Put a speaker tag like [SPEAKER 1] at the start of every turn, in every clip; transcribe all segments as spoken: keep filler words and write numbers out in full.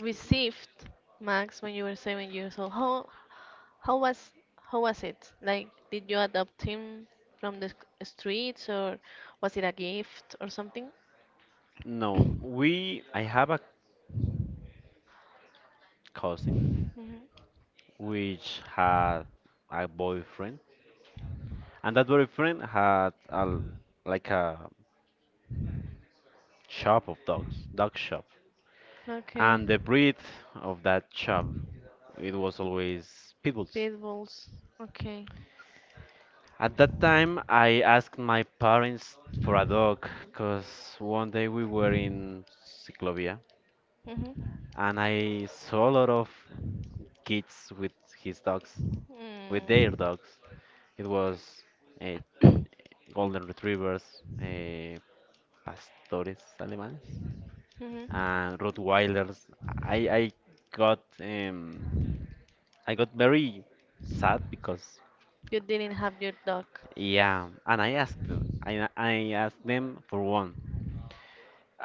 [SPEAKER 1] received Max when you were seven years old. How how was how was it? Like, did you adopt him from the sc- streets, or was it a gift or something?
[SPEAKER 2] No, we I have a cousin
[SPEAKER 1] Hmm.
[SPEAKER 2] which had a boyfriend, and that boyfriend had a like a shop of dogs, dog shop,
[SPEAKER 1] Okay,
[SPEAKER 2] and the breed of that shop it was always pit bulls.
[SPEAKER 1] pit bulls. Okay.
[SPEAKER 2] At that time, I asked my parents for a dog because one day we were in Ciclovia
[SPEAKER 1] Mm-hmm.
[SPEAKER 2] and I saw a lot of kids with his dogs, with their
[SPEAKER 1] Mm.
[SPEAKER 2] dogs. It was uh, golden retrievers, uh, pastores alemanes,
[SPEAKER 1] Hmm.
[SPEAKER 2] and Rottweilers. I I got um I got very sad because
[SPEAKER 1] You didn't have your dog.
[SPEAKER 2] yeah, and I asked them- I I asked them for one,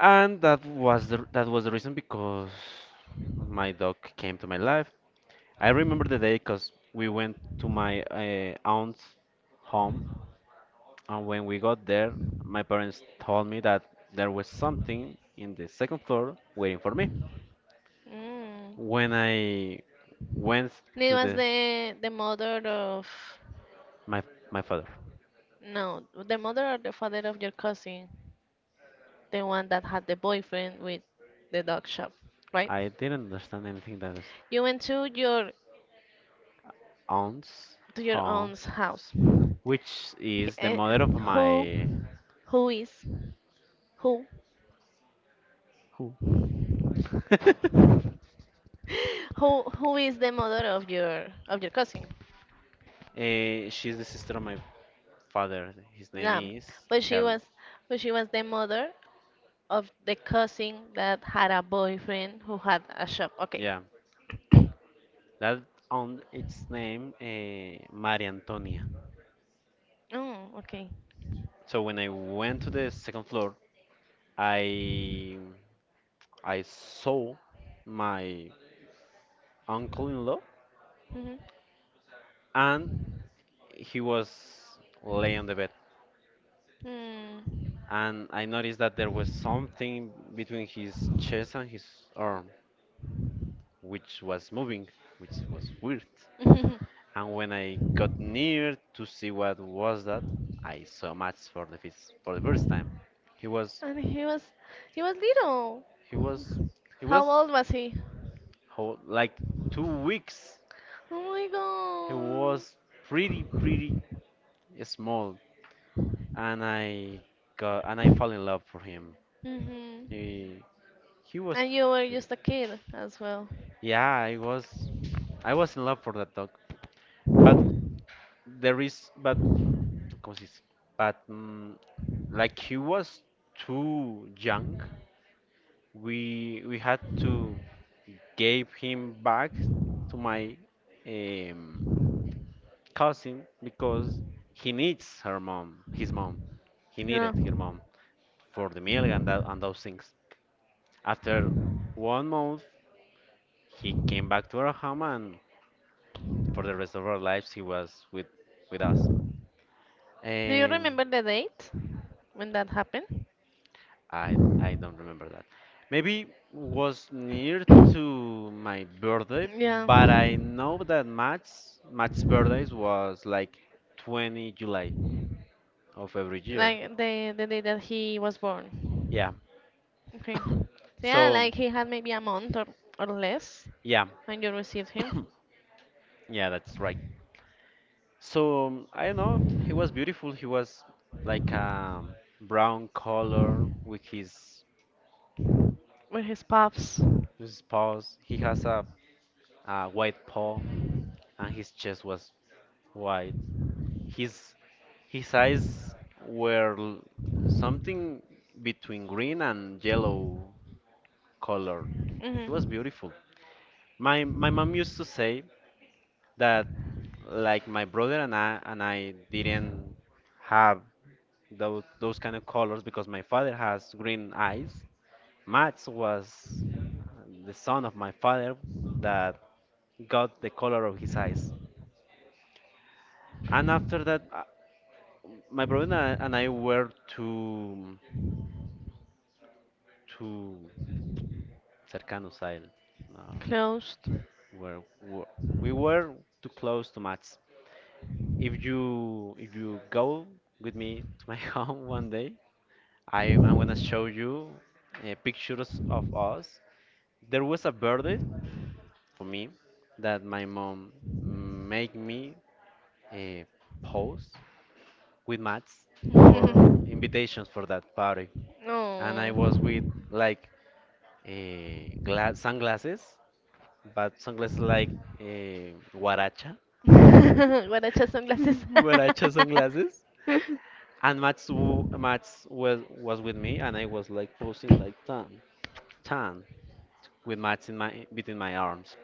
[SPEAKER 2] and that was the, that was the reason because my dog came to my life. I remember the day because we went to my uh, aunt's home. And when we got there, my parents told me that there was something in the second floor waiting for me.
[SPEAKER 1] Mm.
[SPEAKER 2] When I went
[SPEAKER 1] And it
[SPEAKER 2] to
[SPEAKER 1] was
[SPEAKER 2] the
[SPEAKER 1] the the mother of,
[SPEAKER 2] my my father,
[SPEAKER 1] no, the mother or the father of your cousin, the one that had the boyfriend with the dog shop, right?
[SPEAKER 2] I didn't understand anything that was
[SPEAKER 1] You went to your
[SPEAKER 2] aunts,
[SPEAKER 1] to your
[SPEAKER 2] huh?
[SPEAKER 1] aunt's house.
[SPEAKER 2] Which
[SPEAKER 1] He-
[SPEAKER 2] is the
[SPEAKER 1] eh,
[SPEAKER 2] mother of
[SPEAKER 1] Who
[SPEAKER 2] my
[SPEAKER 1] who is who
[SPEAKER 2] who?
[SPEAKER 1] who who is the mother of your of your cousin?
[SPEAKER 2] Eh, she's the sister of my father. His name
[SPEAKER 1] Yeah,
[SPEAKER 2] is
[SPEAKER 1] but she
[SPEAKER 2] Helen.
[SPEAKER 1] was but she was the mother of the cousin that had a boyfriend who had a shop. Okay.
[SPEAKER 2] Yeah, that aunt. Its name uh, Maria Antonia.
[SPEAKER 1] Oh, okay.
[SPEAKER 2] So when I went to the second floor, I I saw my uncle-in-law,
[SPEAKER 1] Mhm.
[SPEAKER 2] and he was lay on the bed,
[SPEAKER 1] Hmm.
[SPEAKER 2] and I noticed that there was something between his chest and his arm which was moving, which was weird. And when I got near to see what was that, I saw Max for the first for the first time. He was
[SPEAKER 1] And he was he was little.
[SPEAKER 2] he was he was
[SPEAKER 1] How old was he?
[SPEAKER 2] how, like two weeks.
[SPEAKER 1] Oh
[SPEAKER 2] He
[SPEAKER 1] my god.
[SPEAKER 2] was pretty pretty small, and I got and I fell in love for him.
[SPEAKER 1] Mhm.
[SPEAKER 2] He he was
[SPEAKER 1] And you were
[SPEAKER 2] beautiful.
[SPEAKER 1] just a kid as well.
[SPEAKER 2] Yeah, I was I was in love for that dog. But there is but ¿cómo se dice? But mm, like he was too young, we we had to give him back to my um, cousin because he needs her mom, his mom. He
[SPEAKER 1] Yeah.
[SPEAKER 2] needed her mom for the milk and that, and those things. After one month, he came back to our home, and for the rest of our lives, he was with with us.
[SPEAKER 1] Do you
[SPEAKER 2] Um,
[SPEAKER 1] remember the date when that happened?
[SPEAKER 2] I I don't remember that. Maybe was near to my birthday,
[SPEAKER 1] Yeah.
[SPEAKER 2] but I know that Matt's Matt's birthdays was like twenty July of every year.
[SPEAKER 1] Like the the day that he was born.
[SPEAKER 2] Yeah.
[SPEAKER 1] Okay. So yeah,
[SPEAKER 2] So
[SPEAKER 1] like he had maybe a month, or, or less
[SPEAKER 2] yeah,
[SPEAKER 1] when you received him
[SPEAKER 2] yeah, that's right. So um, I don't know. He was beautiful. He was like um brown color with his.
[SPEAKER 1] with his pups.
[SPEAKER 2] His paws, he has a, a white paw, and his chest was white. His his eyes were l- something between green and yellow color. He was
[SPEAKER 1] Hmm.
[SPEAKER 2] beautiful. My my mom used to say that like my brother and I and I didn't have those those kind of colors because my father has green eyes. Max was uh, the son of my father that got the color of his eyes. And after that, uh, my brother and I, and I were to to cercanos al, uh,
[SPEAKER 1] Closed.
[SPEAKER 2] where were- we were too close to Mats. If you if you go with me to my home one day, I I'm gonna show you uh, pictures of us. There was a birthday for me that my mom made me uh, pose with Mats for invitations for that party, and I
[SPEAKER 1] No.
[SPEAKER 2] was with like eh, gla sunglasses, but sunglasses like eh, guaracha,
[SPEAKER 1] Guaracha sunglasses.
[SPEAKER 2] guaracha sunglasses. And Mats, w- Mats was was with me, and I was like posing like tan, tan, with Mats in my between my arms.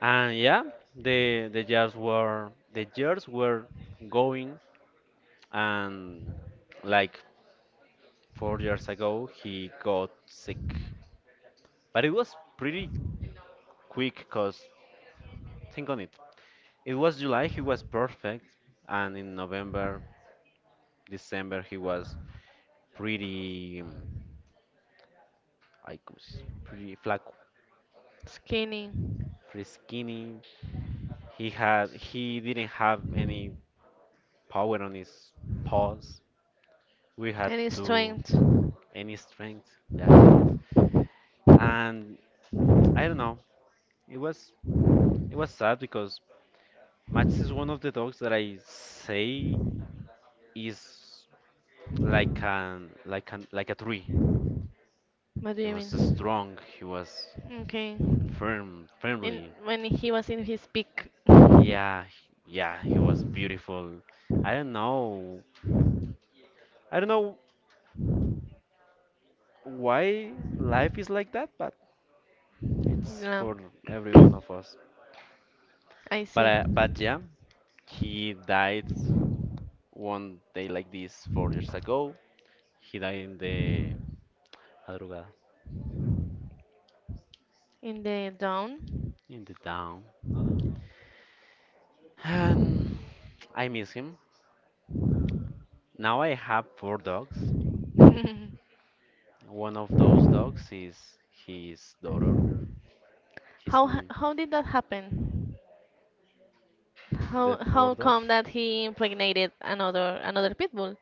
[SPEAKER 2] And yeah, the the jars were the jars were going, and like four years ago he got sick, but it was pretty quick, cause think on it. It was July, he was perfect, and in November, December, he was pretty, um, like, s- pretty flaco,
[SPEAKER 1] Skinny.
[SPEAKER 2] pretty skinny. He had, he didn't have any power on his paws. We had
[SPEAKER 1] Any
[SPEAKER 2] to
[SPEAKER 1] strength.
[SPEAKER 2] any strength, yeah. And I don't know, it was, it was sad because Max is one of the dogs that I say is like an, like an, like a tree.
[SPEAKER 1] What do
[SPEAKER 2] He
[SPEAKER 1] you
[SPEAKER 2] was
[SPEAKER 1] mean?
[SPEAKER 2] strong. He was
[SPEAKER 1] Okay.
[SPEAKER 2] firm,
[SPEAKER 1] In
[SPEAKER 2] firmly.
[SPEAKER 1] when he was in his peak.
[SPEAKER 2] Yeah, yeah, he was beautiful. I don't know. I don't know why life is like that, but it's
[SPEAKER 1] Yeah,
[SPEAKER 2] for every one of us.
[SPEAKER 1] I
[SPEAKER 2] But
[SPEAKER 1] see.
[SPEAKER 2] uh, but yeah, he died one day like this four years ago. He died in the madrugada,
[SPEAKER 1] In the down.
[SPEAKER 2] in the town. And I miss him. Now I have four dogs. One of those dogs is his daughter. His
[SPEAKER 1] How ha-
[SPEAKER 2] name,
[SPEAKER 1] how did that happen?
[SPEAKER 2] the
[SPEAKER 1] How
[SPEAKER 2] four
[SPEAKER 1] how
[SPEAKER 2] dogs.
[SPEAKER 1] come that he impregnated another another pit bull?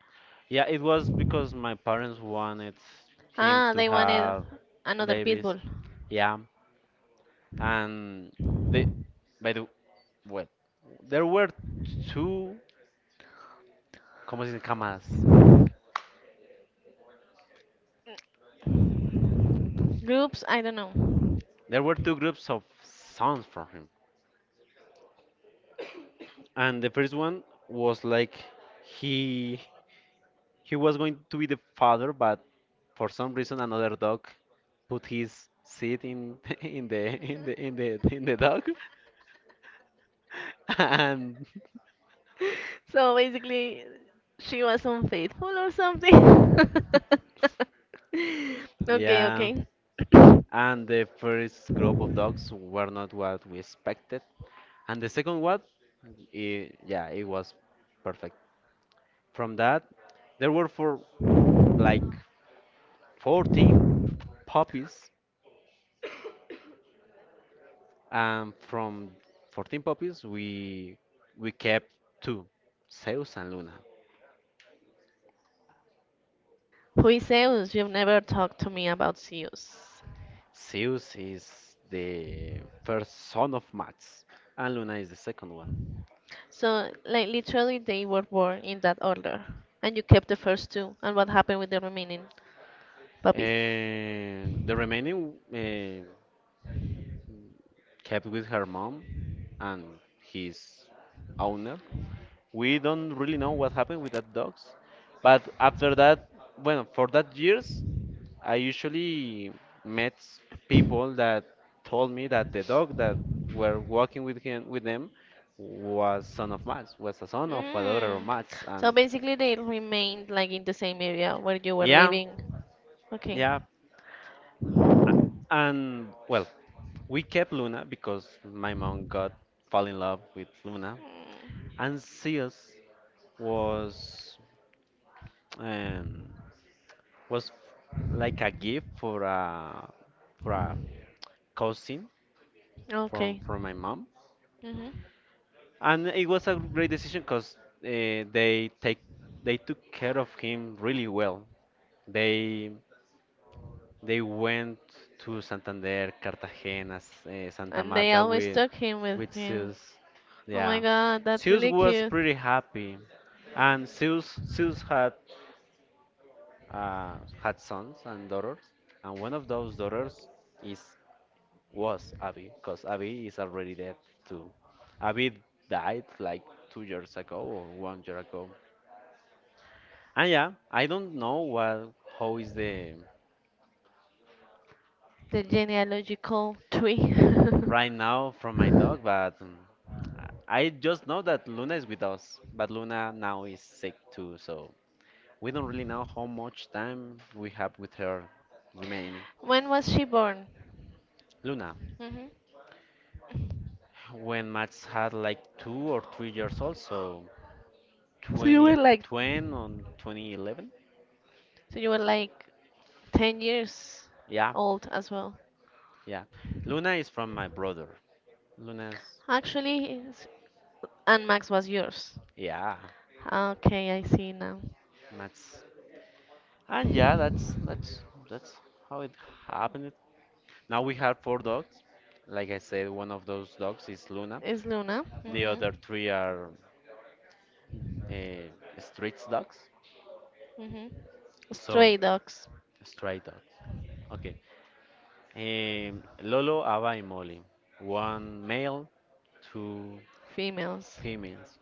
[SPEAKER 2] Yeah, it was because my parents wanted him
[SPEAKER 1] Ah,
[SPEAKER 2] to
[SPEAKER 1] they wanted
[SPEAKER 2] have
[SPEAKER 1] another pit
[SPEAKER 2] babies.
[SPEAKER 1] bull.
[SPEAKER 2] Yeah, and they, by the well, there were two, como se dicen, camas.
[SPEAKER 1] Groups, I don't know.
[SPEAKER 2] There were two groups of sons for him, and the first one was like he he was going to be the father, but for some reason another dog put his seed in in the in the in the in the dog, and
[SPEAKER 1] So basically, she was unfaithful or something. Okay,
[SPEAKER 2] yeah.
[SPEAKER 1] okay.
[SPEAKER 2] And the first group of dogs were not what we expected, and the second one, it, yeah, it was perfect. From that there were for like fourteen puppies, and from fourteen puppies we we kept two, Zeus and Luna.
[SPEAKER 1] Who is Zeus? You've never talked to me about Zeus.
[SPEAKER 2] Zeus is the first son of Mats, and Luna is the second one.
[SPEAKER 1] So, like, literally, they were born in that order. And you kept the first two. And what happened with the remaining puppies?
[SPEAKER 2] And the remaining uh, kept with her mom and his owner. We don't really know what happened with that dogs, but after that, well, for that years, I usually met people that told me that the dog that were walking with him with them was son of Mats, was a son of a daughter of
[SPEAKER 1] Mm.
[SPEAKER 2] Mats,
[SPEAKER 1] So
[SPEAKER 2] and
[SPEAKER 1] basically, they remained like in the same area where you were
[SPEAKER 2] yeah,
[SPEAKER 1] living. Okay.
[SPEAKER 2] yeah, and well, we kept Luna because my mom got fall in love with Luna,
[SPEAKER 1] Mm.
[SPEAKER 2] and Zeus was. Um, was like a gift for a for a cousin from
[SPEAKER 1] Okay.
[SPEAKER 2] from my mom,
[SPEAKER 1] Hmm.
[SPEAKER 2] and it was a great decision because uh, they take they took care of him really well. They they went to Santander, Cartagena, S- eh, Santa
[SPEAKER 1] And they
[SPEAKER 2] Marta
[SPEAKER 1] always
[SPEAKER 2] with
[SPEAKER 1] took him with
[SPEAKER 2] with
[SPEAKER 1] him.
[SPEAKER 2] Zeus.
[SPEAKER 1] Oh my
[SPEAKER 2] Yeah,
[SPEAKER 1] God, that's
[SPEAKER 2] Zeus
[SPEAKER 1] really
[SPEAKER 2] was
[SPEAKER 1] cute.
[SPEAKER 2] pretty happy, and Zeus Zeus had uh, had sons and daughters, and one of those daughters is was Abby, because Abby is already dead too. Abby died like two years ago or one year ago. And yeah, I don't know what how is the
[SPEAKER 1] The genealogical tree.
[SPEAKER 2] right now from my dog, but um, I I just know that Luna is with us, but Luna now is sick too, so we don't really know how much time we have with her remaining.
[SPEAKER 1] When was she born?
[SPEAKER 2] Luna,
[SPEAKER 1] Hmm.
[SPEAKER 2] when Max had like two or three years old, so
[SPEAKER 1] So you were like,
[SPEAKER 2] twenty ten or twenty eleven,
[SPEAKER 1] so you were like ten years
[SPEAKER 2] yeah.
[SPEAKER 1] old as well.
[SPEAKER 2] Yeah. Luna is from my brother. Luna's,
[SPEAKER 1] Actually, it's- and Max was yours.
[SPEAKER 2] yeah,
[SPEAKER 1] Okay, I see now.
[SPEAKER 2] Max. And yeah, that's that's that's how it happened. Now we have four dogs. Like I said, one of those dogs is Luna.
[SPEAKER 1] It's Luna.
[SPEAKER 2] The
[SPEAKER 1] Mhm.
[SPEAKER 2] other three are uh, street dogs.
[SPEAKER 1] Mhm.
[SPEAKER 2] So
[SPEAKER 1] Stray dogs,
[SPEAKER 2] stray dogs. Okay. Um, Lolo, Ava, and Molly. One male, two
[SPEAKER 1] females.
[SPEAKER 2] females.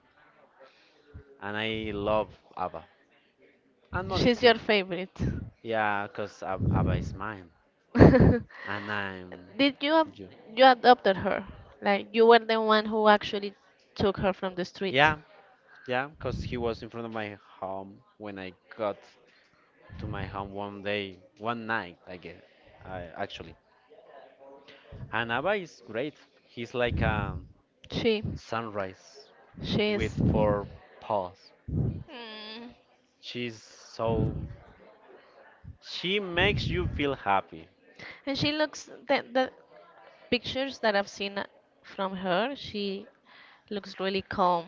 [SPEAKER 2] And I love Ava. And Molly
[SPEAKER 1] She's
[SPEAKER 2] too.
[SPEAKER 1] your favorite.
[SPEAKER 2] Yeah, because Abba is mine. And I'm
[SPEAKER 1] Did you ab-
[SPEAKER 2] you.
[SPEAKER 1] you adopted her? Like you were the one who actually took her from the street.
[SPEAKER 2] Yeah, yeah, because he was in front of my home when I got to my home one day, one night, I guess, I, actually. And Abba is great. He's like a
[SPEAKER 1] She
[SPEAKER 2] sunrise
[SPEAKER 1] she
[SPEAKER 2] with
[SPEAKER 1] is.
[SPEAKER 2] four paws.
[SPEAKER 1] Hmm.
[SPEAKER 2] She's so. She makes you feel happy.
[SPEAKER 1] And she looks that that pictures that I've seen from her, she looks really calm.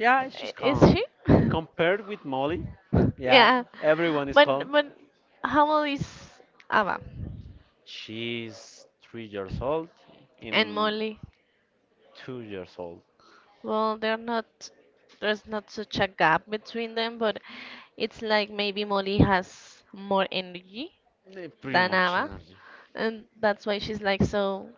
[SPEAKER 2] Yeah,
[SPEAKER 1] I-
[SPEAKER 2] she's
[SPEAKER 1] Is she?
[SPEAKER 2] calm. Compared with Molly, yeah,
[SPEAKER 1] Yeah.
[SPEAKER 2] everyone is
[SPEAKER 1] But
[SPEAKER 2] calm.
[SPEAKER 1] but how old is Ava
[SPEAKER 2] She's three years old,
[SPEAKER 1] and
[SPEAKER 2] in
[SPEAKER 1] Molly?
[SPEAKER 2] two years old.
[SPEAKER 1] Well, they're not there's not such a gap between them, but it's like maybe Molly has more energy
[SPEAKER 2] Eh, Pretty
[SPEAKER 1] than
[SPEAKER 2] much
[SPEAKER 1] Ava,
[SPEAKER 2] energy.
[SPEAKER 1] and that's why she's like so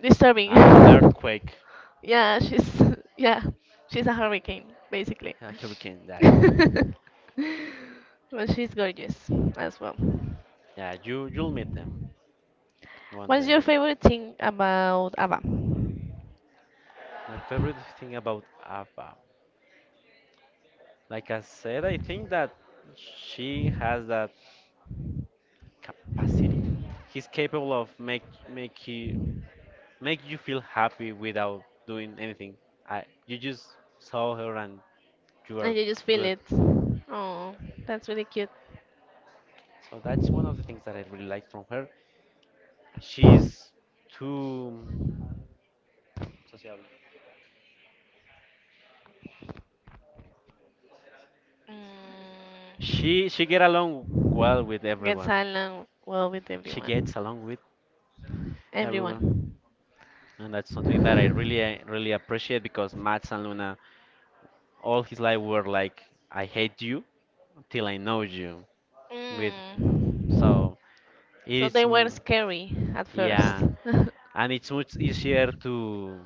[SPEAKER 1] disturbing.
[SPEAKER 2] Uh, earthquake,
[SPEAKER 1] Yeah, she's yeah, she's a hurricane basically.
[SPEAKER 2] a hurricane. That
[SPEAKER 1] But she's gorgeous as well.
[SPEAKER 2] Yeah, you you'll meet them one
[SPEAKER 1] What's
[SPEAKER 2] day.
[SPEAKER 1] your favorite thing about Ava? And
[SPEAKER 2] My favorite thing about Ava, like I said, I think that she has that capacity. He's capable of make make he make you feel happy without doing anything. I You just saw her and you are
[SPEAKER 1] you just feel
[SPEAKER 2] good.
[SPEAKER 1] it. Oh, that's really cute.
[SPEAKER 2] So that's one of the things that I really like from her. She's too.
[SPEAKER 1] Mm,
[SPEAKER 2] She she get along well with
[SPEAKER 1] gets
[SPEAKER 2] everyone.
[SPEAKER 1] along well with
[SPEAKER 2] She
[SPEAKER 1] everyone.
[SPEAKER 2] gets along with everyone,
[SPEAKER 1] Everyone.
[SPEAKER 2] and that's something that I really uh, really appreciate because Max and Luna all his life were like, I hate you till I know you. With,
[SPEAKER 1] Mm.
[SPEAKER 2] so
[SPEAKER 1] So they
[SPEAKER 2] it's
[SPEAKER 1] were
[SPEAKER 2] m-.
[SPEAKER 1] scary at first.
[SPEAKER 2] Yeah, and it's much easier to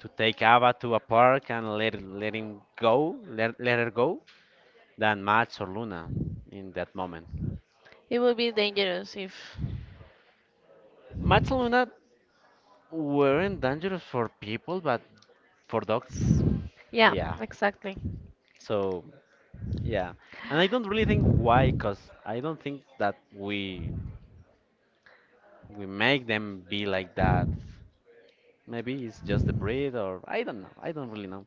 [SPEAKER 2] to take Ava to a park and let let him go, let, let her go, than Max or Luna in that moment.
[SPEAKER 1] It would be dangerous if.
[SPEAKER 2] Max and Luna weren't dangerous for people, but for dogs,
[SPEAKER 1] Yeah,
[SPEAKER 2] yeah.
[SPEAKER 1] exactly.
[SPEAKER 2] So yeah, and I don't really think why, cause I don't think that we we make them be like that. Maybe it's just the breed, or I don't know. I don't really know.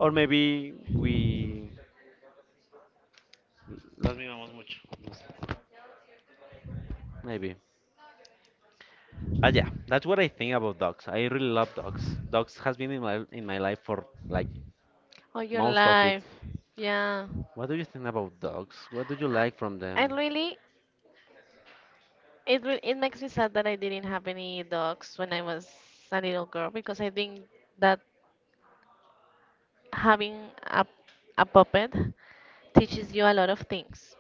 [SPEAKER 2] Or maybe we las mimamos mucho. No sé. Maybe. But yeah, that's what I think about dogs. I really love dogs. Dogs has been in my in my life for like
[SPEAKER 1] All your
[SPEAKER 2] most of
[SPEAKER 1] life.
[SPEAKER 2] it.
[SPEAKER 1] Yeah.
[SPEAKER 2] What do you think about dogs? What do you like from
[SPEAKER 1] And
[SPEAKER 2] them?
[SPEAKER 1] really, it re it makes me sad that I didn't have any dogs when I was a little girl, because I think that having a a puppet teaches you a lot of things,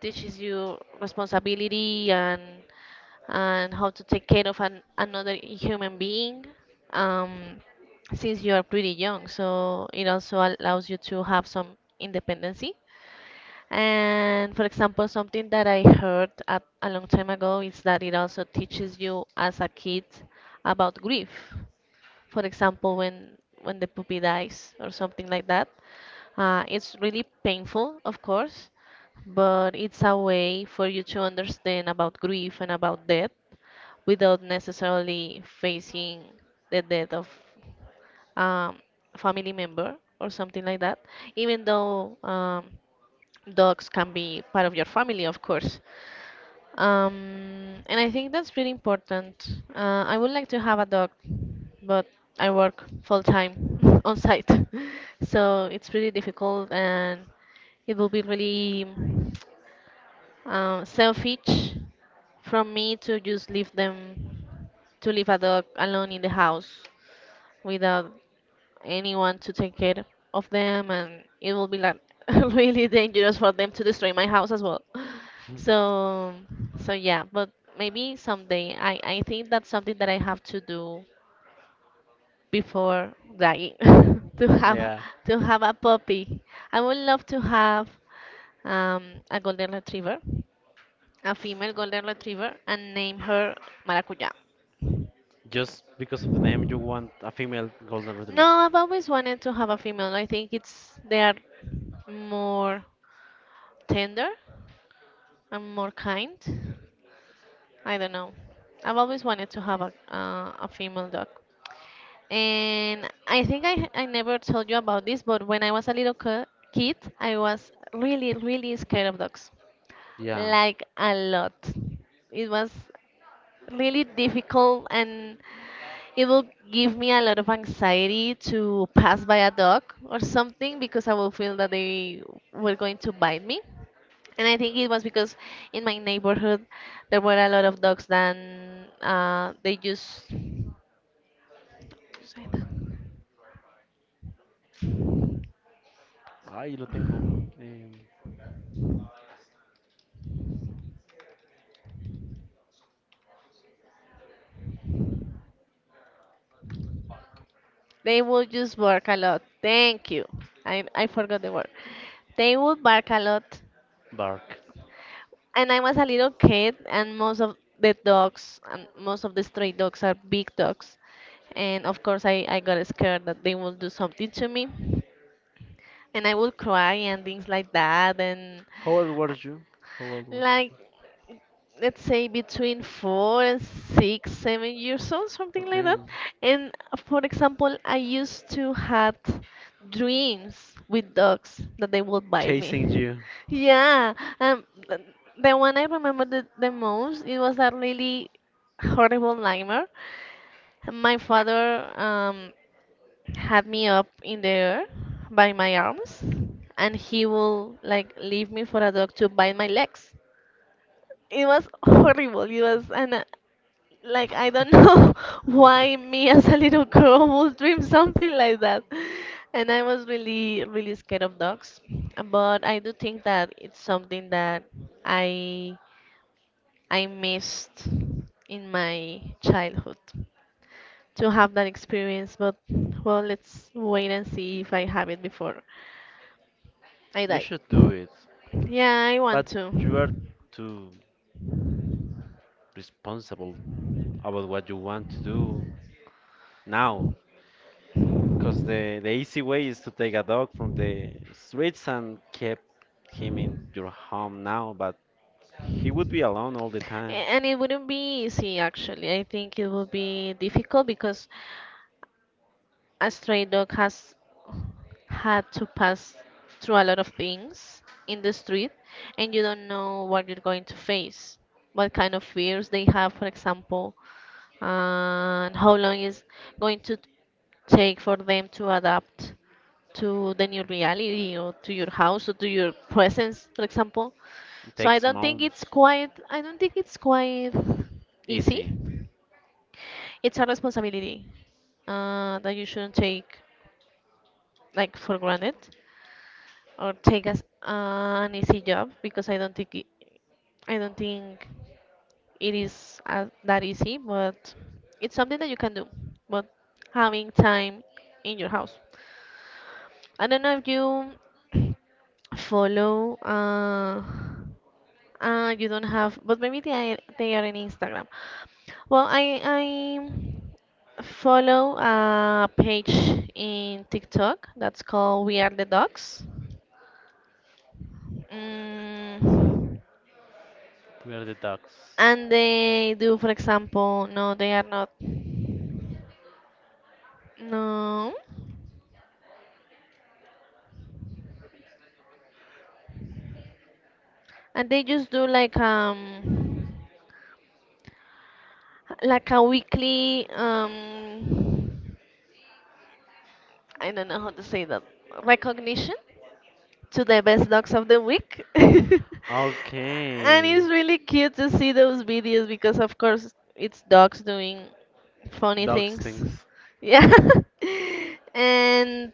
[SPEAKER 1] teaches you responsibility and and how to take care of an, another human being, um, since you are pretty young. So it also allows you to have some independency. And for example, something that I heard a, a long time ago is that it also teaches you as a kid about grief, for example, when when the puppy dies or something like that. Uh, it's really painful, of course, but it's a way for you to understand about grief and about death without necessarily facing the death of, um, family member or something like that, even though, um, dogs can be part of your family, of course. Um, and I think that's really important. Uh, I would like to have a dog, but I work full time on site, so it's really difficult, and it will be really uh, selfish from me to just leave them to leave a dog alone in the house without anyone to take care of them, and it will be like really dangerous for them to destroy my house as well. So so yeah, but maybe someday i i think that's something that I have to do before dying to have a-
[SPEAKER 2] Yeah,
[SPEAKER 1] to have a puppy. I would love to have, um, a golden retriever, a female golden retriever, and name her Maracuya.
[SPEAKER 2] just because of the name, you want a female golden
[SPEAKER 1] No,
[SPEAKER 2] retriever.
[SPEAKER 1] I've always wanted to have a female. I think it's they are more tender. I'm more kind. I don't know. I've always wanted to have a uh, a female dog. And I think I I never told you about this, but when I was a little ki- kid, I was really really scared of dogs.
[SPEAKER 2] Yeah.
[SPEAKER 1] Like a lot. It was really difficult, and it will give me a lot of anxiety to pass by a dog or something, because I will feel that they were going to bite me. And I think it was because in my neighborhood there were a lot of dogs that uh, they just
[SPEAKER 2] Ah, yo lo tengo. em,
[SPEAKER 1] they would just bark a lot. Thank you. I, I forgot the word. They would bark a lot.
[SPEAKER 2] Bark.
[SPEAKER 1] And I was a little kid, and most of the dogs, and most of the stray dogs are big dogs. And of course, I, I got scared that they will do something to me. And I would cry and things like that. And
[SPEAKER 2] How old were you? How old was
[SPEAKER 1] like
[SPEAKER 2] you?
[SPEAKER 1] let's say between four and six, seven years old, something like
[SPEAKER 2] Okay.
[SPEAKER 1] that. And uh, for example, I used to have dreams with dogs that they would bite
[SPEAKER 2] Chasing
[SPEAKER 1] me.
[SPEAKER 2] you.
[SPEAKER 1] Yeah, um, th- the one I remember the, the most, it was a really horrible nightmare. My father, um, had me up in the air by my arms, and he will like leave me for a dog to bite my legs. It was horrible. It was, and uh, like I don't know why me as a little girl would dream something like that. And I was really, really scared of dogs. But I do think that it's something that I I missed in my childhood, to have that experience. But well, let's wait and see if I have it before I
[SPEAKER 2] You
[SPEAKER 1] die.
[SPEAKER 2] should do it.
[SPEAKER 1] Yeah, I want
[SPEAKER 2] But
[SPEAKER 1] to.
[SPEAKER 2] you are too responsible about what you want to do now. Because the, the easy way is to take a dog from the streets and keep him in your home now, but he would be alone all the time.
[SPEAKER 1] And it wouldn't be easy, actually. I think it would be difficult because a stray dog has had to pass through a lot of things in the street, and you don't know what you're going to face, what kind of fears they have, for example, and how long is going to take for them to adapt to the new reality, or to your house, or to your presence, for example.
[SPEAKER 2] It
[SPEAKER 1] So I
[SPEAKER 2] takes
[SPEAKER 1] don't think it's
[SPEAKER 2] months.
[SPEAKER 1] quite I don't think it's quite easy.
[SPEAKER 2] Easy.
[SPEAKER 1] It's a responsibility, uh, that you shouldn't take like for granted or take as an easy job, because I don't think it, I don't think it is as, that easy, but it's something that you can do. But having time in your house. I don't know if you follow. Uh, Uh, you don't have, but maybe they are, they are in Instagram. Well, I I follow a page in TikTok that's called We Are the Dogs. Mm,
[SPEAKER 2] We are the dogs.
[SPEAKER 1] and they do, for example, no, they are not. No, and they just do like, um like a weekly, um I don't know how to say that, recognition to the best dogs of the week. And
[SPEAKER 2] Okay.
[SPEAKER 1] it's really cute to see those videos because, of course, it's dogs doing funny
[SPEAKER 2] Dogs
[SPEAKER 1] things.
[SPEAKER 2] things.
[SPEAKER 1] Yeah. And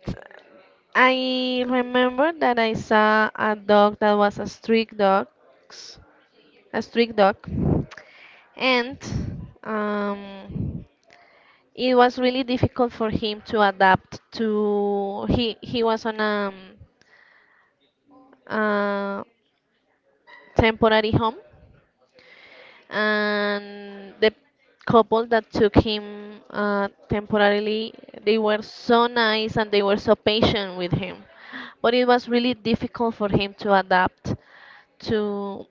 [SPEAKER 1] I remember that I saw a dog that was a street dog, a street dog, and um, it was really difficult for him to adapt to. He he was on a, uh, temporary home, and the couple that took him, uh, temporarily, they were so nice, and they were so patient with him, but it was really difficult for him to adapt to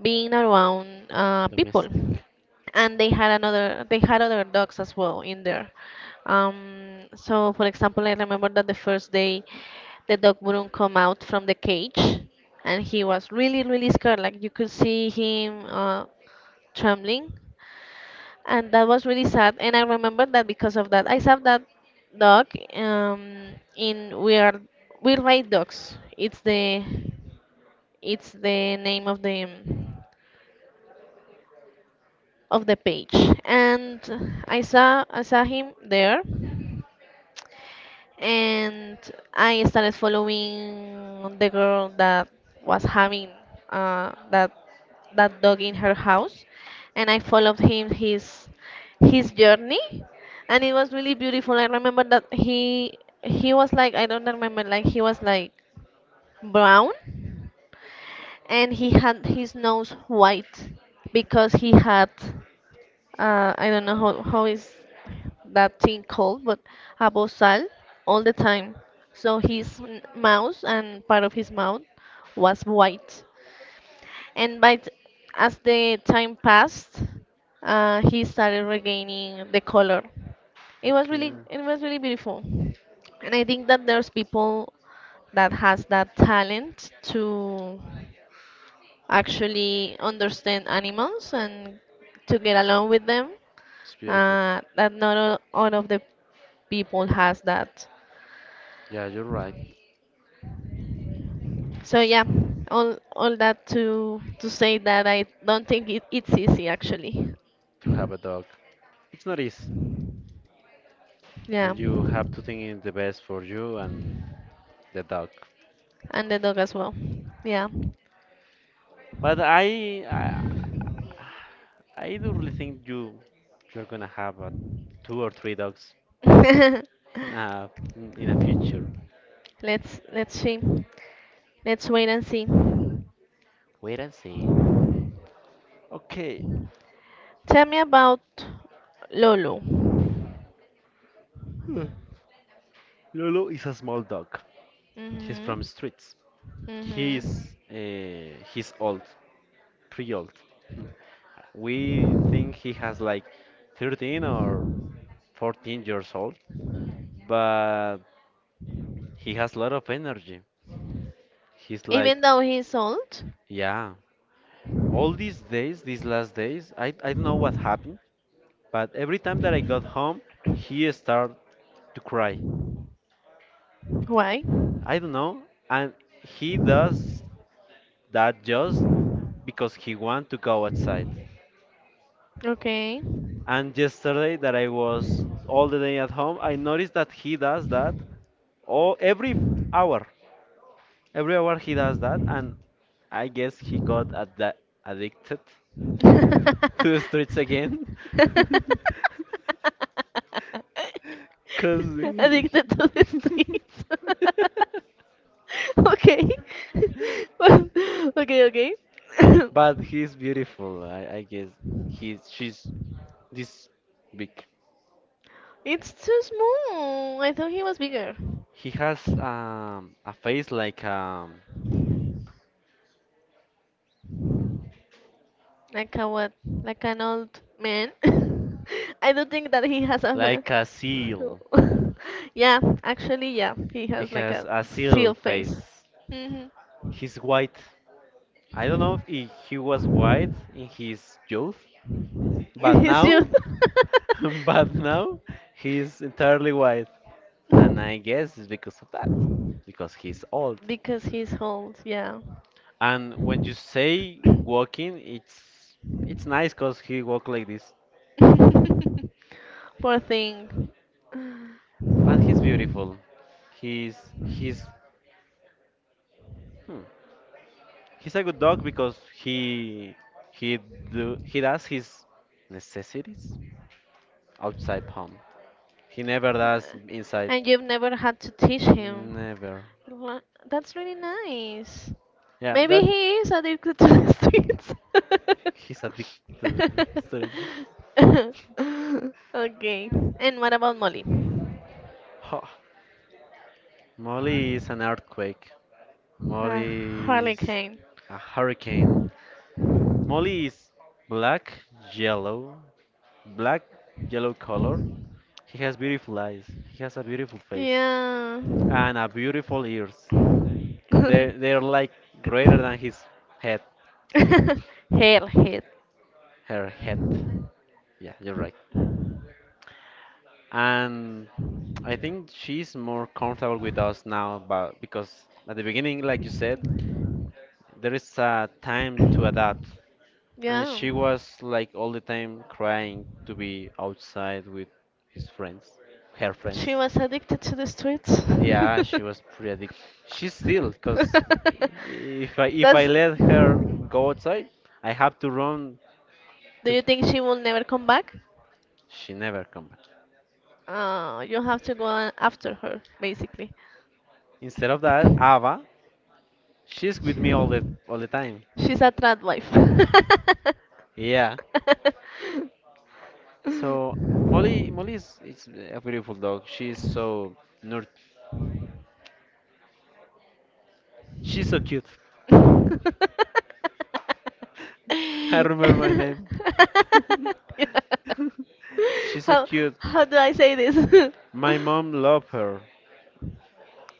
[SPEAKER 1] being around, uh, people.
[SPEAKER 2] Domestic.
[SPEAKER 1] And they had another they had other dogs as well in there, um, so for example, I remember that the first day, the dog wouldn't come out from the cage, and he was really really scared, like you could see him, uh, trembling, and that was really sad. And I remember that because of that I saw that dog, um in, we are We Ride Dogs, it's the it's the name of the of the page. And i saw i saw him there. And I started following the girl that was having, uh, that that dog in her house, and I followed him, his his journey, and it was really beautiful. I remember that he he was like, I don't remember, like he was like brown, and he had his nose white because he had, uh, I don't know how, how is that thing called, but Abosal all the time. So his n- mouth and part of his mouth was white. And by t- as the time passed, uh, he started regaining the color. It was really
[SPEAKER 2] Okay.
[SPEAKER 1] it was really beautiful. And I think that there's people that has that talent to actually understand animals and to get along with them,
[SPEAKER 2] It's beautiful.
[SPEAKER 1] uh, that not all, all of the people has that.
[SPEAKER 2] Yeah, you're right.
[SPEAKER 1] So
[SPEAKER 2] It's,
[SPEAKER 1] yeah,
[SPEAKER 2] um,
[SPEAKER 1] all all that to to say that I don't think it, it's easy actually.
[SPEAKER 2] to have a dog. It's not easy,
[SPEAKER 1] Yeah,
[SPEAKER 2] and you have to think in the best for you and the dog.
[SPEAKER 1] and the dog as well. Yeah.
[SPEAKER 2] But I, I, I do really think you, you're gonna have a, two or three dogs in a, in in a future.
[SPEAKER 1] Let's let's see. Let's wait and see.
[SPEAKER 2] Wait and see. Okay.
[SPEAKER 1] Tell me about Lolo.
[SPEAKER 2] Uh, Lolo is a small dog. He's
[SPEAKER 1] Mhm.
[SPEAKER 2] from streets. He's
[SPEAKER 1] Mhm.
[SPEAKER 2] uh, he's old, pretty old. Hmm. We think he has like thirteen or fourteen years old, but he has a lot of energy. He's like,
[SPEAKER 1] Even though he's old.
[SPEAKER 2] yeah. All these days, these last days, I I don't know what happened, but every time that I got home, he started to cry.
[SPEAKER 1] Why?
[SPEAKER 2] I don't know, and he does that just because he want to go outside.
[SPEAKER 1] Okay.
[SPEAKER 2] And yesterday that I was all the day at home, I noticed that he does that all every hour. Every hour he does that, and I guess he got ad- addicted to to streets again. Cause he...
[SPEAKER 1] Addicted to the streets. Okay. Well, okay, okay.
[SPEAKER 2] But he's beautiful. I, I guess he's she's this big.
[SPEAKER 1] It's too small. I thought he was bigger.
[SPEAKER 2] He has um a face like um
[SPEAKER 1] Like a what? Like an old man? I don't think that he has a
[SPEAKER 2] like a seal.
[SPEAKER 1] fa- yeah, actually, yeah, he
[SPEAKER 2] He
[SPEAKER 1] has like
[SPEAKER 2] has
[SPEAKER 1] a
[SPEAKER 2] a
[SPEAKER 1] seal
[SPEAKER 2] seal
[SPEAKER 1] face.
[SPEAKER 2] face.
[SPEAKER 1] Hmm.
[SPEAKER 2] He's white. I don't know if he he was white in his youth, but
[SPEAKER 1] In his
[SPEAKER 2] now,
[SPEAKER 1] youth.
[SPEAKER 2] but now he's entirely white. And I guess it's because of that, because he's old.
[SPEAKER 1] Because he's old, yeah.
[SPEAKER 2] And when you say walking, it's it's nice because he walk like this.
[SPEAKER 1] Poor thing.
[SPEAKER 2] But he's beautiful. He's he's hmm, he's a good dog because he he do he does his necessities outside home. He never
[SPEAKER 1] Uh,
[SPEAKER 2] does inside.
[SPEAKER 1] And you've never had to teach him.
[SPEAKER 2] Never.
[SPEAKER 1] Wha- That's really nice.
[SPEAKER 2] Yeah,
[SPEAKER 1] Maybe
[SPEAKER 2] that
[SPEAKER 1] he is addicted to the streets.
[SPEAKER 2] he's addicted to surgery.
[SPEAKER 1] Okay. And what about Molly?
[SPEAKER 2] Huh. Molly is an earthquake.
[SPEAKER 1] A
[SPEAKER 2] Molly is
[SPEAKER 1] hurricane.
[SPEAKER 2] a hurricane. Molly is black, yellow, black, yellow color. He has beautiful eyes. He has a beautiful face
[SPEAKER 1] Yeah.
[SPEAKER 2] and a beautiful ears. They they're like greater than his head,
[SPEAKER 1] Hell, hell.
[SPEAKER 2] her head. Yeah, you're right. And I think she's more comfortable with us now, but because at the beginning, like you said, there is a time to adapt, and
[SPEAKER 1] Yeah.
[SPEAKER 2] she was like all the time crying to be outside with his friends, her
[SPEAKER 1] She
[SPEAKER 2] friends.
[SPEAKER 1] was addicted to the streets.
[SPEAKER 2] Yeah, she was pretty addic- she's still, because if I if I
[SPEAKER 1] That's.
[SPEAKER 2] let her go outside, I have to run
[SPEAKER 1] Do
[SPEAKER 2] to.
[SPEAKER 1] you think she will never come back?
[SPEAKER 2] She never come back.
[SPEAKER 1] Oh, you have to go a- after her, basically.
[SPEAKER 2] Instead of that, Ava, she's with me all the all the time.
[SPEAKER 1] She's a trad wife.
[SPEAKER 2] Yeah. So Molly, Molly is, is a beautiful dog. She's so nur- she's so cute. I remember my name. She's so
[SPEAKER 1] how
[SPEAKER 2] cute.
[SPEAKER 1] how do I say this?
[SPEAKER 2] My mom loved her.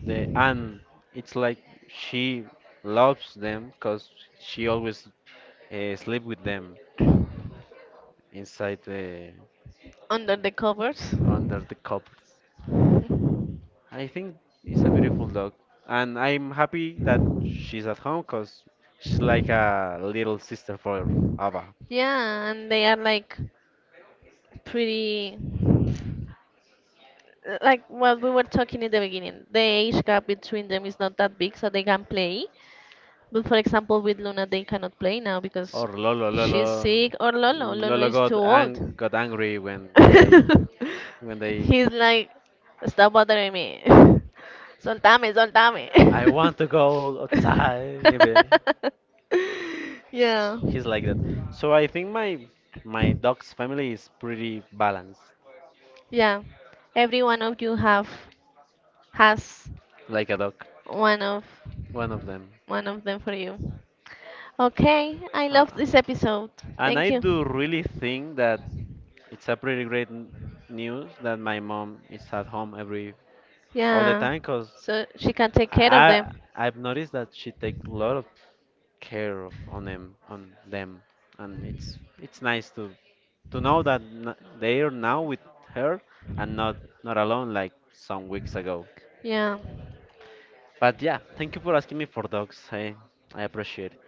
[SPEAKER 2] The and it's like she loves them because she always uh, sleep with them inside the
[SPEAKER 1] Under the covers.
[SPEAKER 2] under the covers. I think it's a beautiful dog, and I'm happy that she's at home because she's like a little sister for Ava.
[SPEAKER 1] Yeah, and they are like pretty like what we were talking in the beginning. The age gap between them is not that big, so they can play. But for example, with Luna, they cannot play now because
[SPEAKER 2] Or Lolo, Lolo,
[SPEAKER 1] she's sick, or Lolo. Lolo
[SPEAKER 2] Lolo
[SPEAKER 1] is
[SPEAKER 2] got
[SPEAKER 1] too old.
[SPEAKER 2] ang got angry when they when they
[SPEAKER 1] He's like, stop bothering me. Soltame, soltame.
[SPEAKER 2] I want to go outside. Yeah, but
[SPEAKER 1] Yeah.
[SPEAKER 2] he's like that. So I think my my dog's family is pretty balanced,
[SPEAKER 1] Yeah. Every one of you have has
[SPEAKER 2] like a dog,
[SPEAKER 1] one of
[SPEAKER 2] one of them.
[SPEAKER 1] one of them for you. Okay, I love
[SPEAKER 2] Uh,
[SPEAKER 1] this episode.
[SPEAKER 2] and
[SPEAKER 1] Thank
[SPEAKER 2] I do
[SPEAKER 1] you.
[SPEAKER 2] really think that it's a pretty great n- news that my mom is at home every all the
[SPEAKER 1] Yeah.
[SPEAKER 2] time, cause
[SPEAKER 1] So she can take care of
[SPEAKER 2] I
[SPEAKER 1] them.
[SPEAKER 2] I've noticed that she takes a lot of care of on them on them and it's it's nice to to know that n- they're now with her and not not alone like some weeks ago.
[SPEAKER 1] Yeah.
[SPEAKER 2] But yeah, thank you for asking me for dogs. I i appreciate it.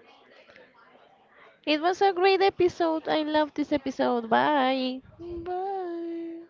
[SPEAKER 1] It was a great episode. I love this episode. Bye.
[SPEAKER 2] Bye.